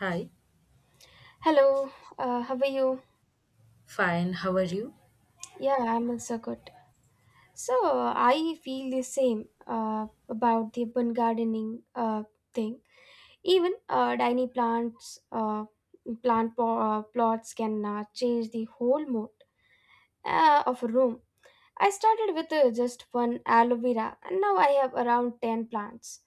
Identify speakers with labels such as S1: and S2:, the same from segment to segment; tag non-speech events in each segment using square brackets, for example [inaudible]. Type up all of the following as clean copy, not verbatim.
S1: Hi,
S2: Hello, how are you?
S1: fine, how are you?
S2: Yeah, I'm also good. So I feel the same about the urban gardening thing. Even tiny plants, plant plots can change the whole mood of a room. I started with just one aloe vera, and now I have around 10 plants.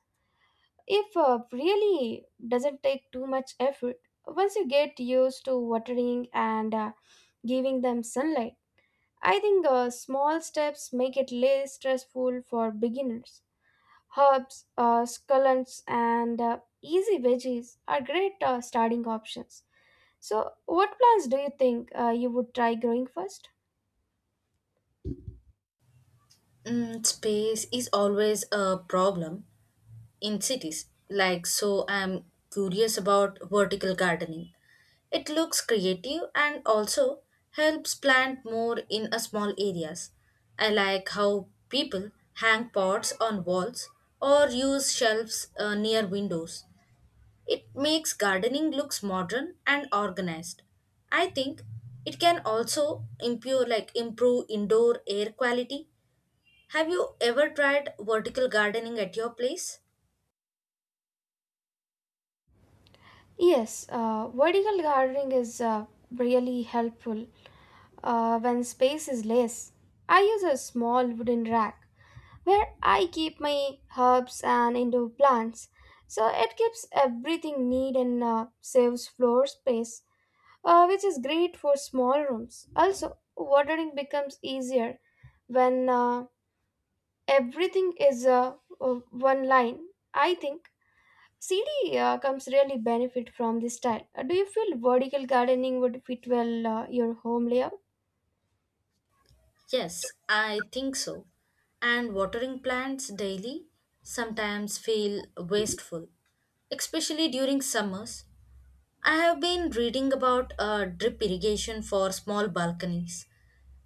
S2: If really doesn't take too much effort, once you get used to watering and giving them sunlight. I think small steps make it less stressful for beginners. Herbs, scallions, and easy veggies are great starting options. So, what plants do you think you would try growing first?
S1: Space is always a problem in cities. So I'm curious about vertical gardening. It looks creative and also helps plant more in a small areas. I like how people hang pots on walls or use shelves near windows. It makes gardening looks modern and organized. I think it can also improve indoor air quality. Have you ever tried vertical gardening at your place?
S2: Yes, vertical gardening is really helpful when space is less. I use a small wooden rack where I keep my herbs and indoor plants. So it keeps everything neat and saves floor space, which is great for small rooms. Also, watering becomes easier when everything is one line. I think CD comes really benefit from this style. Do you feel vertical gardening would fit well your home layout?
S1: Yes, I think so. And watering plants daily sometimes feel wasteful, especially during summers. I have been reading about drip irrigation for small balconies.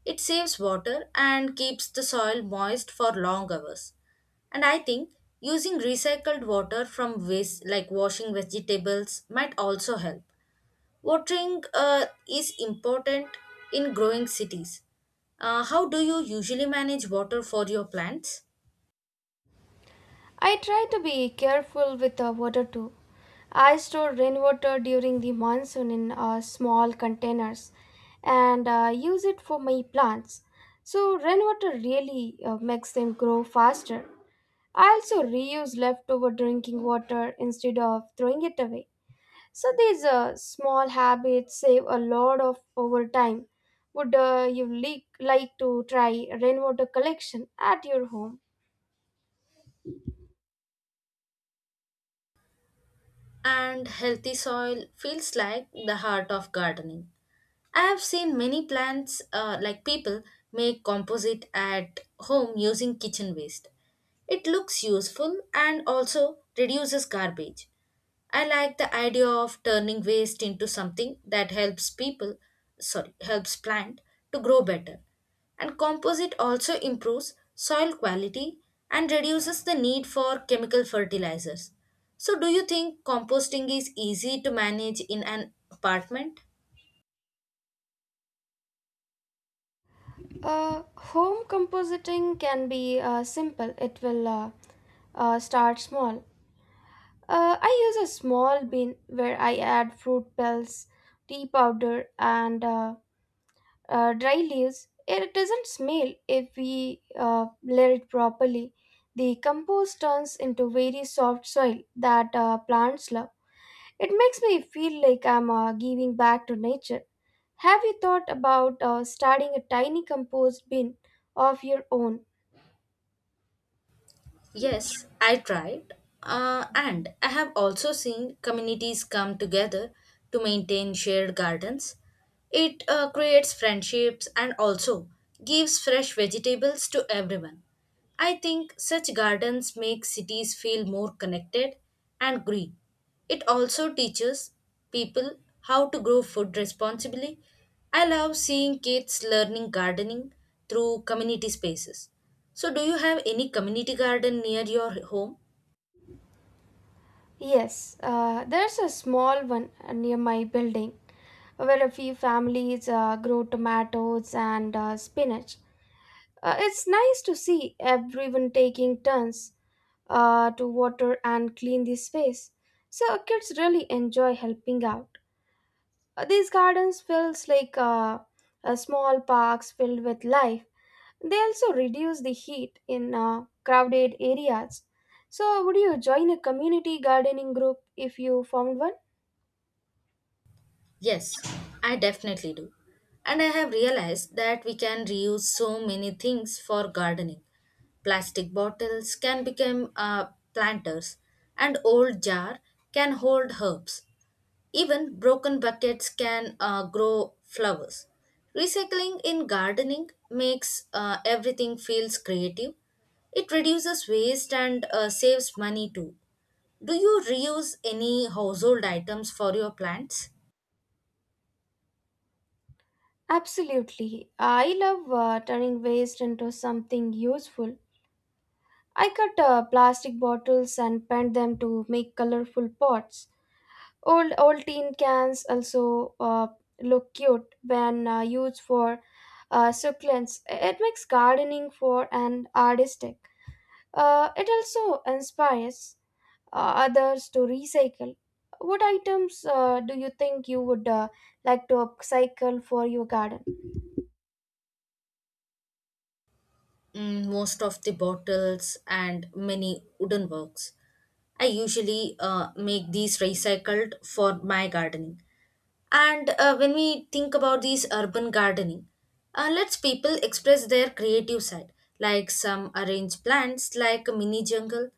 S1: It saves water and keeps the soil moist for long hours. And I think using recycled water from waste like washing vegetables might also help. Watering is important in growing cities. How do you usually manage water for your plants?
S2: I try to be careful with the water too. I store rainwater during the monsoon in small containers and use it for my plants. So, rainwater really makes them grow faster. I also reuse leftover drinking water instead of throwing it away. So, these small habits save a lot of over time. Would you like to try rainwater collection at your home?
S1: And healthy soil feels like the heart of gardening. I have seen many plants, like people, make composite at home using kitchen waste. It looks useful and also reduces garbage. I like the idea of turning waste into something that helps plant to grow better. And composite also improves soil quality and reduces the need for chemical fertilizers. So, do you think composting is easy to manage in an apartment?
S2: Home compositing can be simple. It will start small. I use a small bin where I add fruit pellets, tea powder, and dry leaves. It doesn't smell if we layer it properly. The compost turns into very soft soil that plants love. It makes me feel like I'm giving back to nature. Have you thought about starting a tiny compost bin of your own?
S1: Yes, I tried. And I have also seen communities come together to maintain shared gardens. It creates friendships and also gives fresh vegetables to everyone. I think such gardens make cities feel more connected and green. It also teaches people how to grow food responsibly. I love seeing kids learning gardening through community spaces. So, do you have any community garden near your home?
S2: Yes, there's a small one near my building where a few families grow tomatoes and spinach. It's nice to see everyone taking turns to water and clean the space. So kids really enjoy helping out. These gardens feels like small parks filled with life. They also reduce the heat in crowded areas. So would you join a community gardening group if you found one?
S1: Yes, I definitely do. And I have realized that we can reuse so many things for gardening. Plastic bottles can become planters, and old jar can hold herbs. Even broken buckets can grow flowers. Recycling in gardening makes everything feels creative. It reduces waste and saves money too. Do you reuse any household items for your plants?
S2: Absolutely. I love turning waste into something useful. I cut plastic bottles and paint them to make colorful pots. Old tin cans also look cute when used for succulents. It makes gardening for an artistic. It also inspires others to recycle. What items do you think you would like to upcycle for your garden?
S1: Most of the bottles and many wooden works. I usually make these recycled for my gardening. And when we think about these urban gardening, lets people express their creative side. Like some arrange plants like a mini jungle,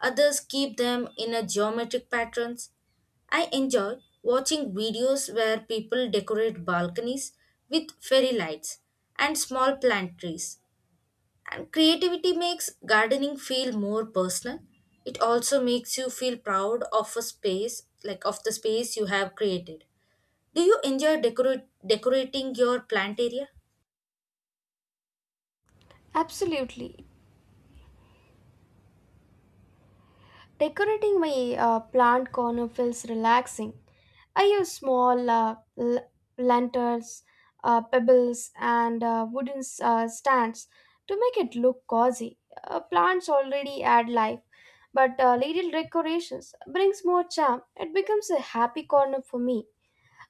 S1: others keep them in a geometric patterns. I enjoy watching videos where people decorate balconies with fairy lights and small plant trees. And creativity makes gardening feel more personal. It also makes you feel proud of a space, like of the space you have created. Do you enjoy decorating your plant area?
S2: Absolutely. Decorating my plant corner feels relaxing. I use small lanterns, pebbles, and wooden stands to make it look cozy. Plants already add life, but little decorations brings more charm. It becomes a happy corner for me,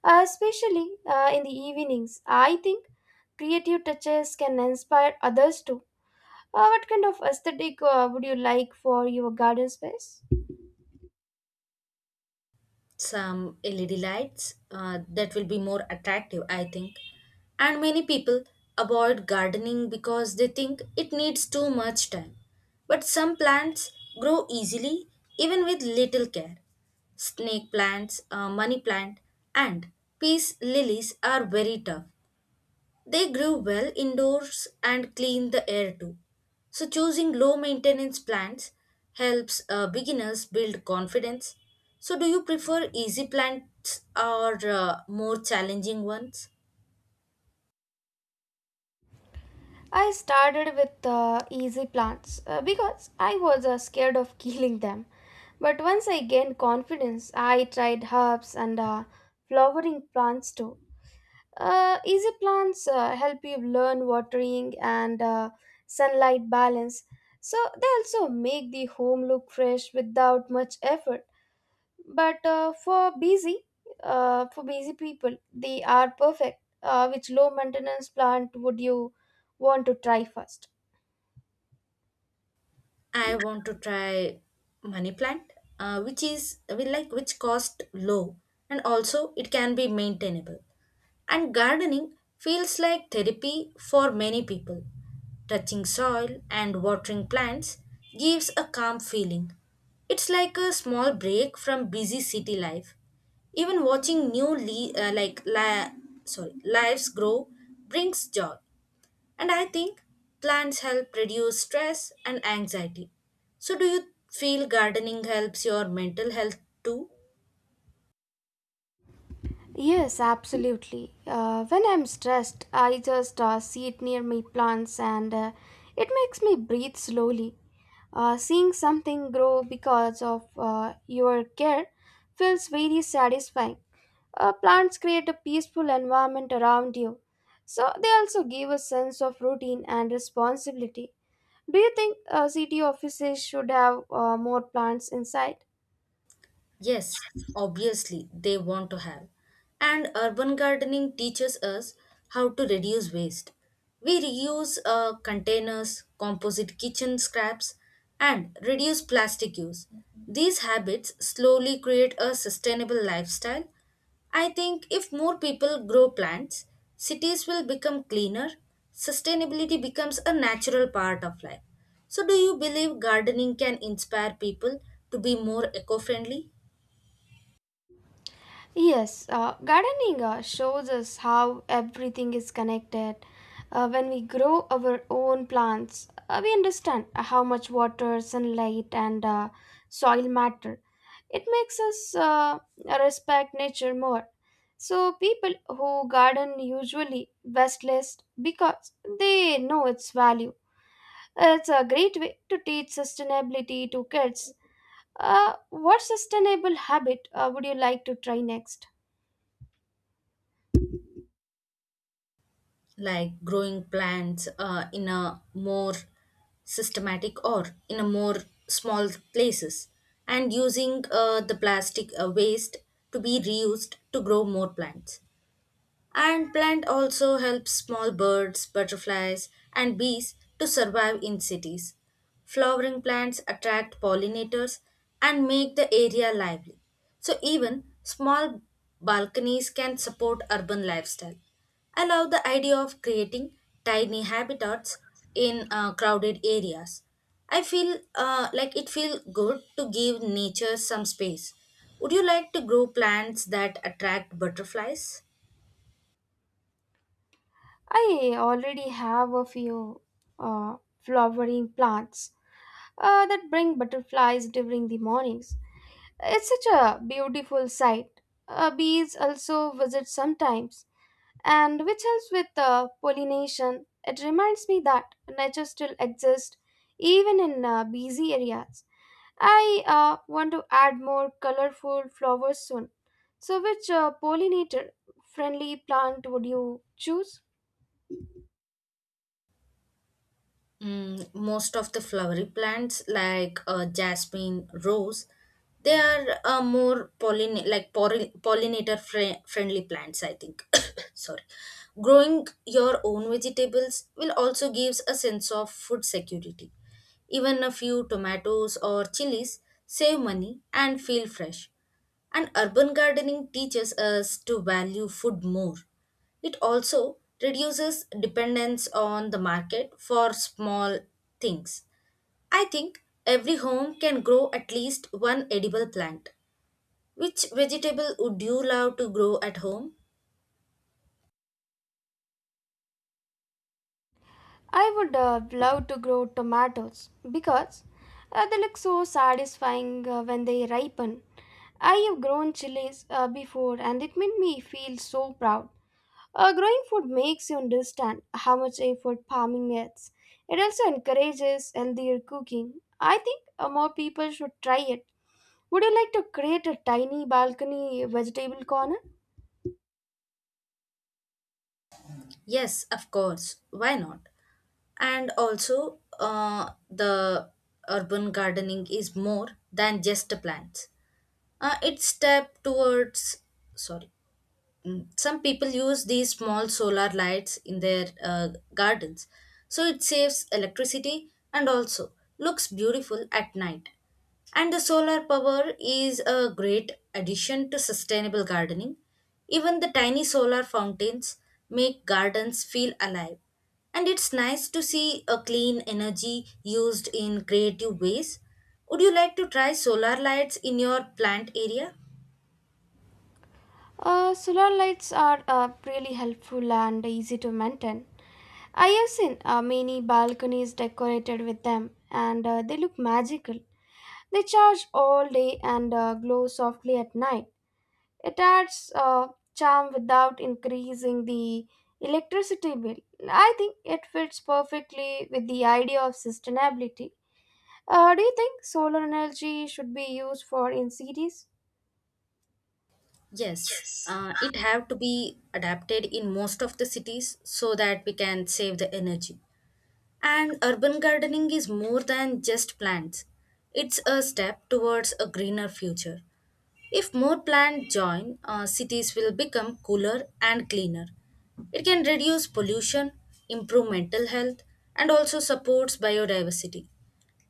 S2: especially in the evenings. I think creative touches can inspire others too. What kind of aesthetic would you like for your garden space?
S1: Some LED lights that will be more attractive, I think. And many people avoid gardening because they think it needs too much time. But some plants grow easily even with little care. Snake plants, money plant, and peace lilies are very tough. They grew well indoors and clean the air too. So, choosing low maintenance plants helps beginners build confidence. So, do you prefer easy plants or more challenging ones?
S2: I started with easy plants because I was scared of [laughs] killing them. But once I gained confidence, I tried herbs and flowering plants too. Easy plants help you learn watering and sunlight balance. So they also make the home look fresh without much effort. But for busy people, they are perfect. Which low maintenance plant would you want to try first?
S1: I want to try money plant, which is we like which cost low and also it can be maintainable. And gardening feels like therapy for many people. Touching soil and watering plants gives a calm feeling. It's like a small break from busy city life. Even watching new le- like li- sorry lives grow brings joy. And I think plants help reduce stress and anxiety. So, do you feel gardening helps your mental health too?
S2: Yes, absolutely. When I'm stressed, I just sit near my plants and it makes me breathe slowly. Seeing something grow because of your care feels very satisfying. Plants create a peaceful environment around you, so they also give a sense of routine and responsibility. Do you think city offices should have more plants inside?
S1: Yes, obviously they want to have. And urban gardening teaches us how to reduce waste. We reuse containers, composite kitchen scraps, and reduce plastic use. These habits slowly create a sustainable lifestyle. I think if more people grow plants, cities will become cleaner, sustainability becomes a natural part of life. So, do you believe gardening can inspire people to be more eco friendly?
S2: Yes, gardening shows us how everything is connected. When we grow our own plants, we understand how much water, sunlight, and soil matter. It makes us respect nature more. So, people who garden usually waste less because they know its value. It's a great way to teach sustainability to kids. What sustainable habit would you like to try next?
S1: Like growing plants in a more systematic or in a more small places, and using the plastic waste to be reused to grow more plants. And plant also helps small birds, butterflies, and bees to survive in cities. Flowering plants attract pollinators and make the area lively. So even small balconies can support urban lifestyle. I love the idea of creating tiny habitats in crowded areas. I feel like it feels good to give nature some space. Would you like to grow plants that attract butterflies?
S2: I already have a few flowering plants that bring butterflies during the mornings. It's such a beautiful sight. Bees also visit sometimes, and which helps with pollination. It reminds me that nature still exists even in busy areas. I want to add more colorful flowers soon. So, which pollinator friendly plant would you choose?
S1: Most of the flowery plants like jasmine, rose, they are more pollin like polli- pollinator friendly plants, I think. [coughs] Sorry, growing your own vegetables will also gives a sense of food security. Even a few tomatoes or chilies save money and feel fresh. And urban gardening teaches us to value food more, it also reduces dependence on the market for small things. I think every home can grow at least one edible plant. Which vegetable would you love to grow at home?
S2: I would love to grow tomatoes because they look so satisfying when they ripen. I have grown chilies before and it made me feel so proud. Growing food makes you understand how much effort farming needs. It also encourages healthier cooking. I think more people should try it. Would you like to create a tiny balcony vegetable corner?
S1: Yes, of course. Why not? And also, the Urban gardening is more than just plants. It's step towards sorry Mm, Some people use these small solar lights in their gardens, so it saves electricity and also looks beautiful at night. And the solar power is a great addition to sustainable gardening. Even the tiny solar fountains make gardens feel alive, and it's nice to see a clean energy used in creative ways. Would you like to try solar lights in your plant area?
S2: Solar lights are really helpful and easy to maintain. I have seen many balconies decorated with them and they look magical. They charge all day and glow softly at night. It adds charm without increasing the electricity bill. I think it fits perfectly with the idea of sustainability. Do you think solar energy should be used for in cities?
S1: Yes, it have to be adapted in most of the cities so that we can save the energy. And urban gardening is more than just plants. It's a step towards a greener future. If more plants join, cities will become cooler and cleaner. It can reduce pollution, improve mental health, and also supports biodiversity.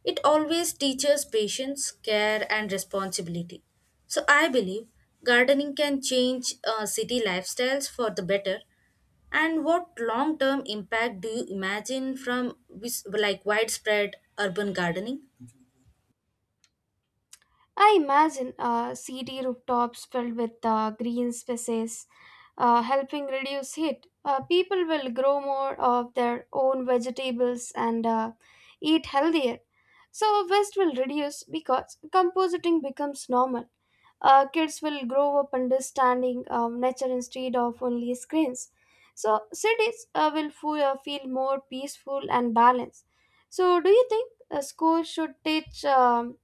S1: It always teaches patience, care, and responsibility. So I believe gardening can change city lifestyles for the better. And what long term impact do you imagine from widespread urban gardening?
S2: I imagine city rooftops filled with green spaces helping reduce heat. People will grow more of their own vegetables and eat healthier. So, waste will reduce because compositing becomes normal. Kids will grow up understanding nature instead of only screens. So, cities will feel more peaceful and balanced. So, do you think a school should teach?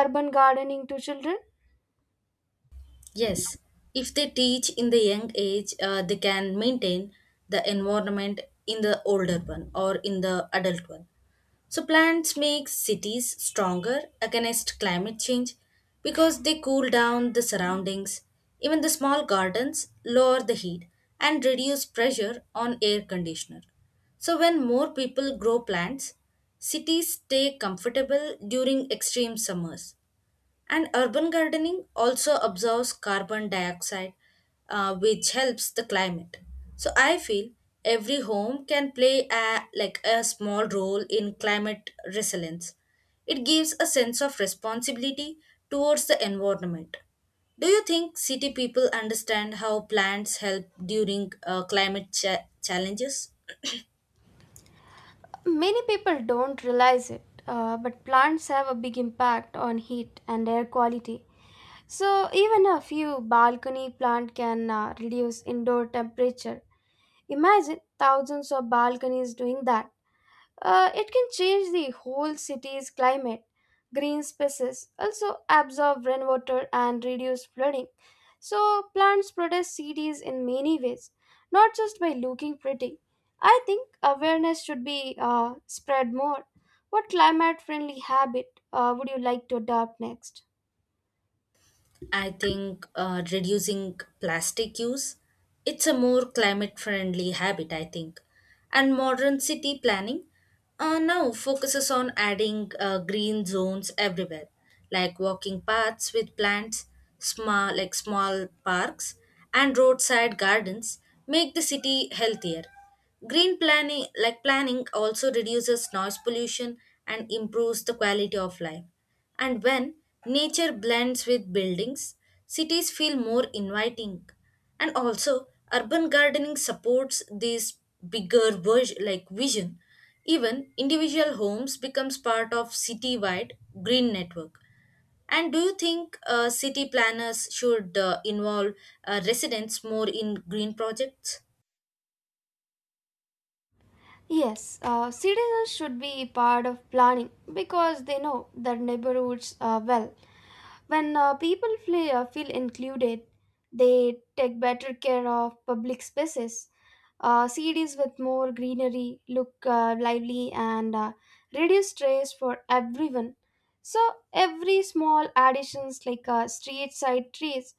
S2: Urban gardening to children?
S1: Yes, if they teach in the young age, they can maintain the environment in the older one or in the adult one. So plants make cities stronger against climate change because they cool down the surroundings. Even the small gardens lower the heat and reduce pressure on air conditioner. So when more people grow plants, cities stay comfortable during extreme summers. And urban gardening also absorbs carbon dioxide, which helps the climate. So I feel every home can play a small role in climate resilience. It gives a sense of responsibility towards the environment. Do you think city people understand how plants help during climate challenges?
S2: Many people don't realize it, but plants have a big impact on heat and air quality. So, even a few balcony plant can reduce indoor temperature. Imagine thousands of balconies doing that. It can change the whole city's climate. Green spaces also absorb rainwater and reduce flooding. So, plants protect cities in many ways, not just by looking pretty. I think awareness should be spread more. What climate friendly habit would you like to adopt next?
S1: I think reducing plastic use. It's a more climate friendly habit, I think. And modern city planning now focuses on adding green zones everywhere, like walking paths with plants, small parks, and roadside gardens make the city healthier. Green planning, like Planning also reduces noise pollution and improves the quality of life. And when nature blends with buildings, cities feel more inviting. And also, urban gardening supports this bigger vision. Even individual homes becomes part of citywide green network. And do you think city planners should involve residents more in green projects?
S2: Yes, citizens should be part of planning because they know their neighborhoods well. When people feel included, they take better care of public spaces. Cities with more greenery look lively and reduce stress for everyone. So every small additions like street side trees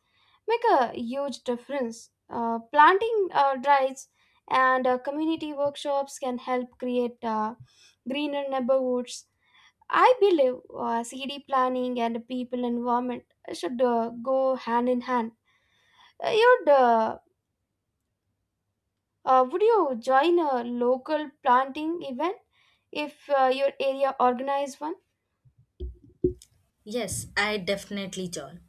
S2: make a huge difference. Planting drives and community workshops can help create greener neighborhoods. I believe CD planning and people involvement should go hand in hand. Uh, you'd, uh, would you join a local planting event if your area organized one?
S1: Yes, I definitely join.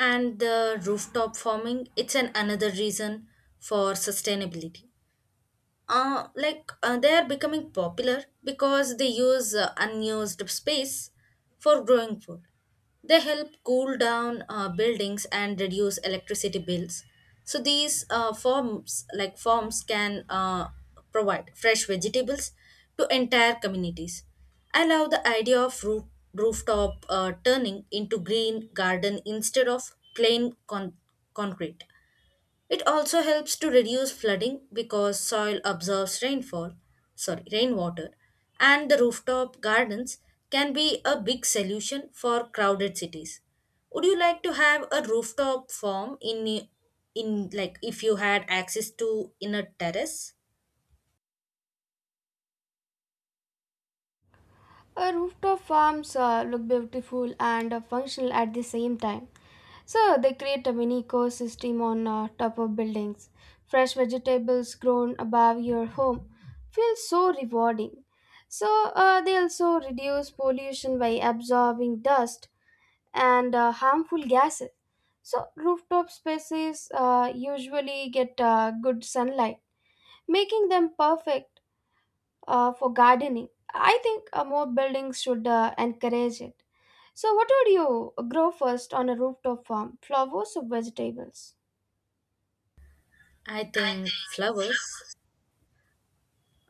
S1: And the rooftop farming, it's an another reason for sustainability they are becoming popular because they use unused space for growing food. They help cool down buildings and reduce electricity bills. So these forms, like farms, can provide fresh vegetables to entire communities. I love the idea of rooftop turning into green garden instead of plain concrete. It also helps to reduce flooding because soil absorbs rainwater, and the rooftop gardens can be a big solution for crowded cities. Would you like to have a rooftop farm in like if you had access to in a terrace?
S2: Rooftop farms look beautiful and functional at the same time. So they create a mini ecosystem on top of buildings. Fresh vegetables grown above your home feels so rewarding. So they also reduce pollution by absorbing dust and harmful gases. So rooftop spaces usually get good sunlight, making them perfect for gardening. I think more buildings should encourage it. So, what would you grow first on a rooftop farm, flowers or vegetables?
S1: I think flowers,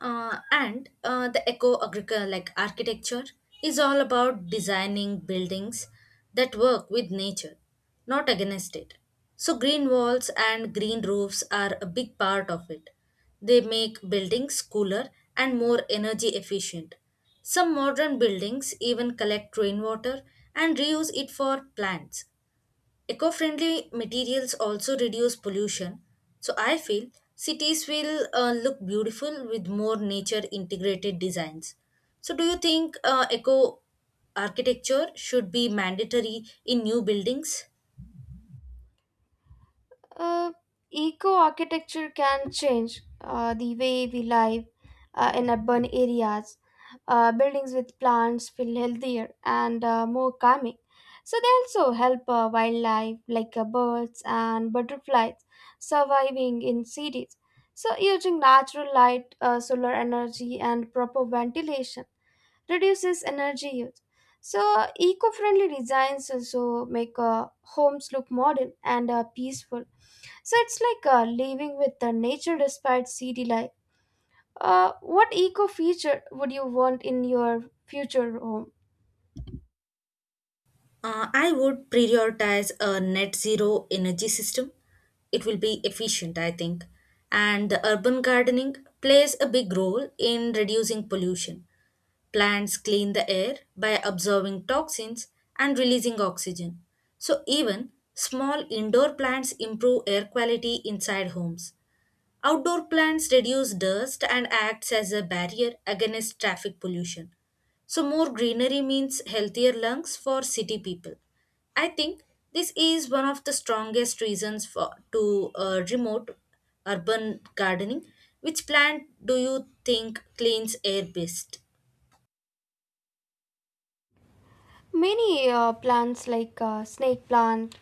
S1: and the eco agriculture like architecture is all about designing buildings that work with nature not against it. So green walls and green roofs are a big part of it. They make buildings cooler and more energy efficient. Some modern buildings even collect rainwater and reuse it for plants. Eco friendly materials also reduce pollution, so I feel cities will look beautiful with more nature integrated designs. So, do you think eco architecture should be mandatory in new buildings?
S2: Uh, eco architecture can change the way we live in urban areas. Buildings with plants feel healthier and more calming. So, they also help wildlife like birds and butterflies surviving in cities. So, using natural light, solar energy, and proper ventilation reduces energy use. So, eco friendly designs also make homes look modern and peaceful. So, it's like living with the nature despite city life. What eco feature would you want in your future home?
S1: I would prioritize a net zero energy system. It will be efficient, I think. And the urban gardening plays a big role in reducing pollution. Plants clean the air by absorbing toxins and releasing oxygen. So, even small indoor plants improve air quality inside homes. Outdoor plants reduce dust and acts as a barrier against traffic pollution. So, more greenery means healthier lungs for city people. I think this is one of the strongest reasons for to remote urban gardening. Which plant do you think cleans air best?
S2: Many plants like snake plant,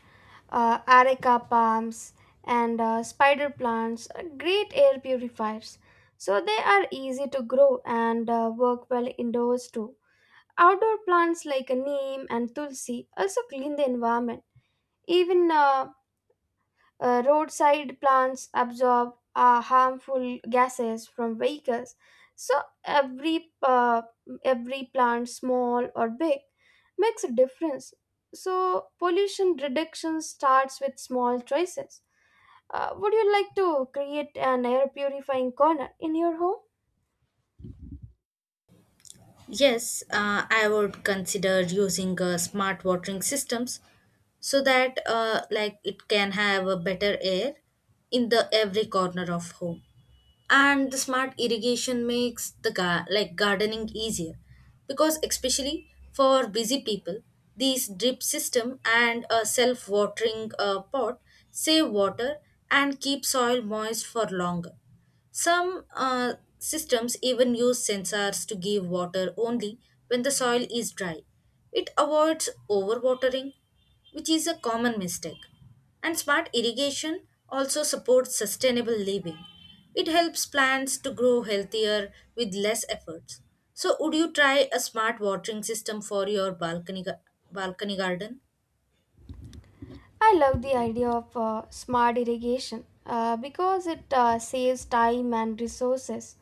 S2: areca palms, and spider plants are great air purifiers. So, they are easy to grow and work well indoors too. Outdoor plants like a neem and tulsi also clean the environment. Even roadside plants absorb harmful gases from vehicles. So every plant, small or big, makes a difference. So pollution reduction starts with small choices. Would you like to create an air purifying corner in your home?
S1: Yes, I would consider using smart watering systems so that it can have a better air in the every corner of home. And the smart irrigation makes the gardening easier because especially for busy people, these drip system and a self watering pot save water and keep soil moist for longer. Some systems even use sensors to give water only when the soil is dry. It avoids overwatering, which is a common mistake. And smart irrigation also supports sustainable living. It helps plants to grow healthier with less efforts. So, would you try a smart watering system for your balcony garden?
S2: I love the idea of smart irrigation because it saves time and resources.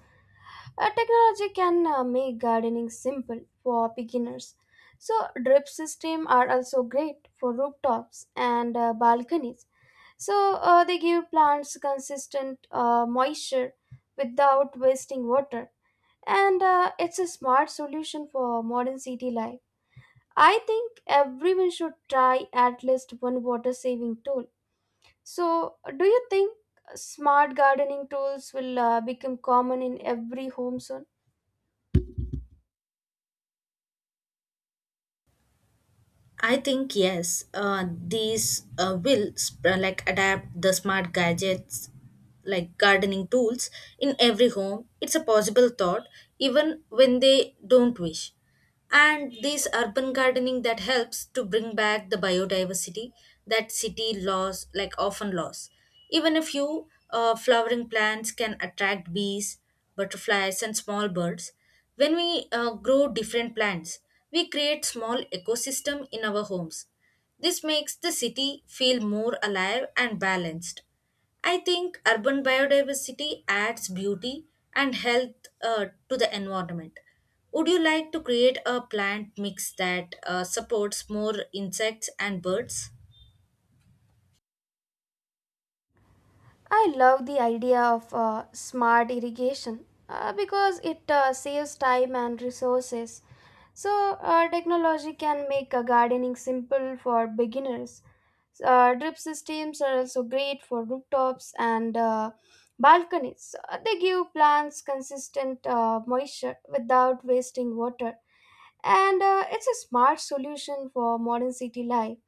S2: Technology can make gardening simple for beginners. So drip system are also great for rooftops and balconies. So they give plants consistent moisture without wasting water. And it's a smart solution for modern city life. I think everyone should try at least one water saving tool. So, do you think smart gardening tools will become common in every home soon?
S1: I think yes, these will sp- like adapt the smart gadgets like gardening tools in every home. It's a possible thought even when they don't wish. And this urban gardening that helps to bring back the biodiversity that city laws like often lost. Even a few flowering plants can attract bees, butterflies, and small birds. When we grow different plants, we create small ecosystem in our homes. This makes the city feel more alive and balanced. I think urban biodiversity adds beauty and health to the environment. Would you like to create a plant mix that supports more insects and birds?
S2: I love the idea of smart irrigation because it saves time and resources. So, technology can make gardening simple for beginners. Drip systems are also great for rooftops and balconies. They give plants consistent moisture without wasting water. And it's a smart solution for modern city life.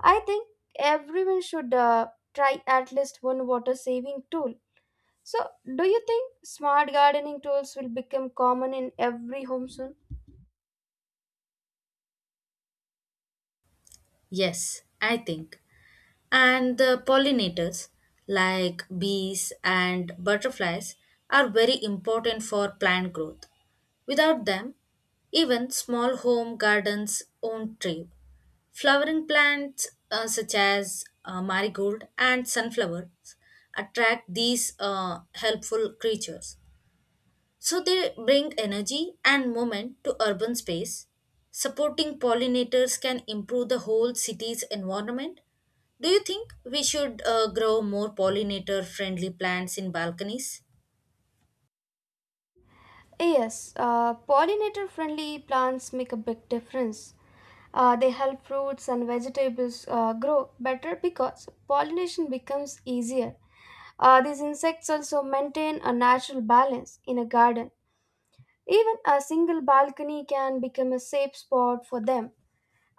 S2: I think everyone should try at least one water saving tool. So, do you think smart gardening tools will become common in every home soon?
S1: Yes, I think. And the pollinators, like bees and butterflies, are very important for plant growth. Without them, even small home gardens won't thrive. Flowering plants such as marigold and sunflowers attract these helpful creatures. So they bring energy and movement to urban space. Supporting pollinators can improve the whole city's environment. Do you think we should grow more pollinator friendly plants in balconies?
S2: Yes, pollinator friendly plants make a big difference. They help fruits and vegetables grow better because pollination becomes easier. These insects also maintain a natural balance in a garden. Even a single balcony can become a safe spot for them.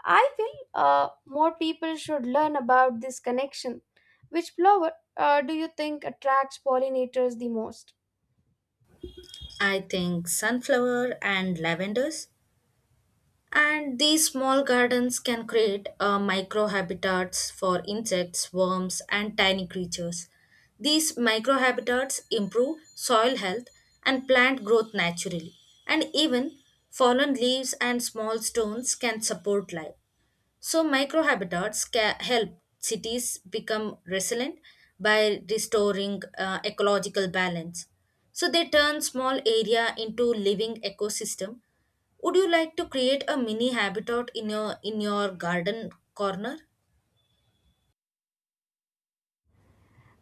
S2: I feel more people should learn about this connection. Which flower do you think attracts pollinators the most?
S1: I think sunflower and lavenders. And these small gardens can create microhabitats for insects, worms, and tiny creatures. These microhabitats improve soil health and plant growth naturally, and even fallen leaves and small stones can support life. So, microhabitats can help cities become resilient by restoring ecological balance. So, they turn small area into living ecosystem. Would you like to create a mini habitat in your garden corner?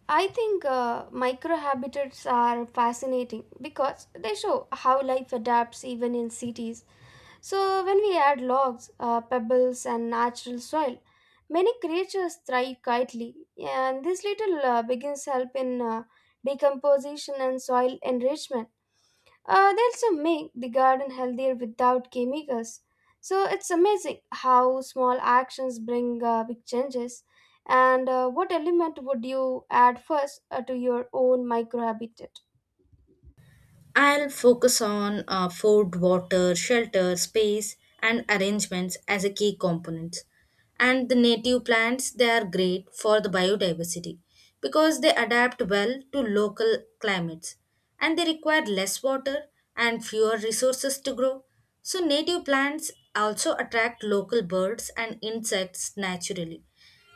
S2: I think microhabitats are fascinating because they show how life adapts even in cities. So, when we add logs, pebbles, and natural soil, many creatures thrive quietly, and this little begins help in decomposition and soil enrichment. They also make the garden healthier without chemicals. So it's amazing how small actions bring big changes. And what element would you add first to your own microhabitat?
S1: I'll focus on food, water, shelter, space, and arrangements as a key components. And the native plants, they are great for the biodiversity because they adapt well to local climates and they require less water and fewer resources to grow. So, native plants also attract local birds and insects naturally.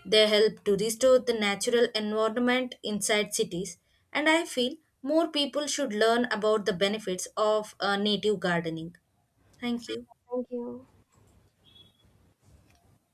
S1: They help to restore the natural environment inside cities, and I feel more people should learn about the benefits of native gardening. Thank you.
S2: Thank you.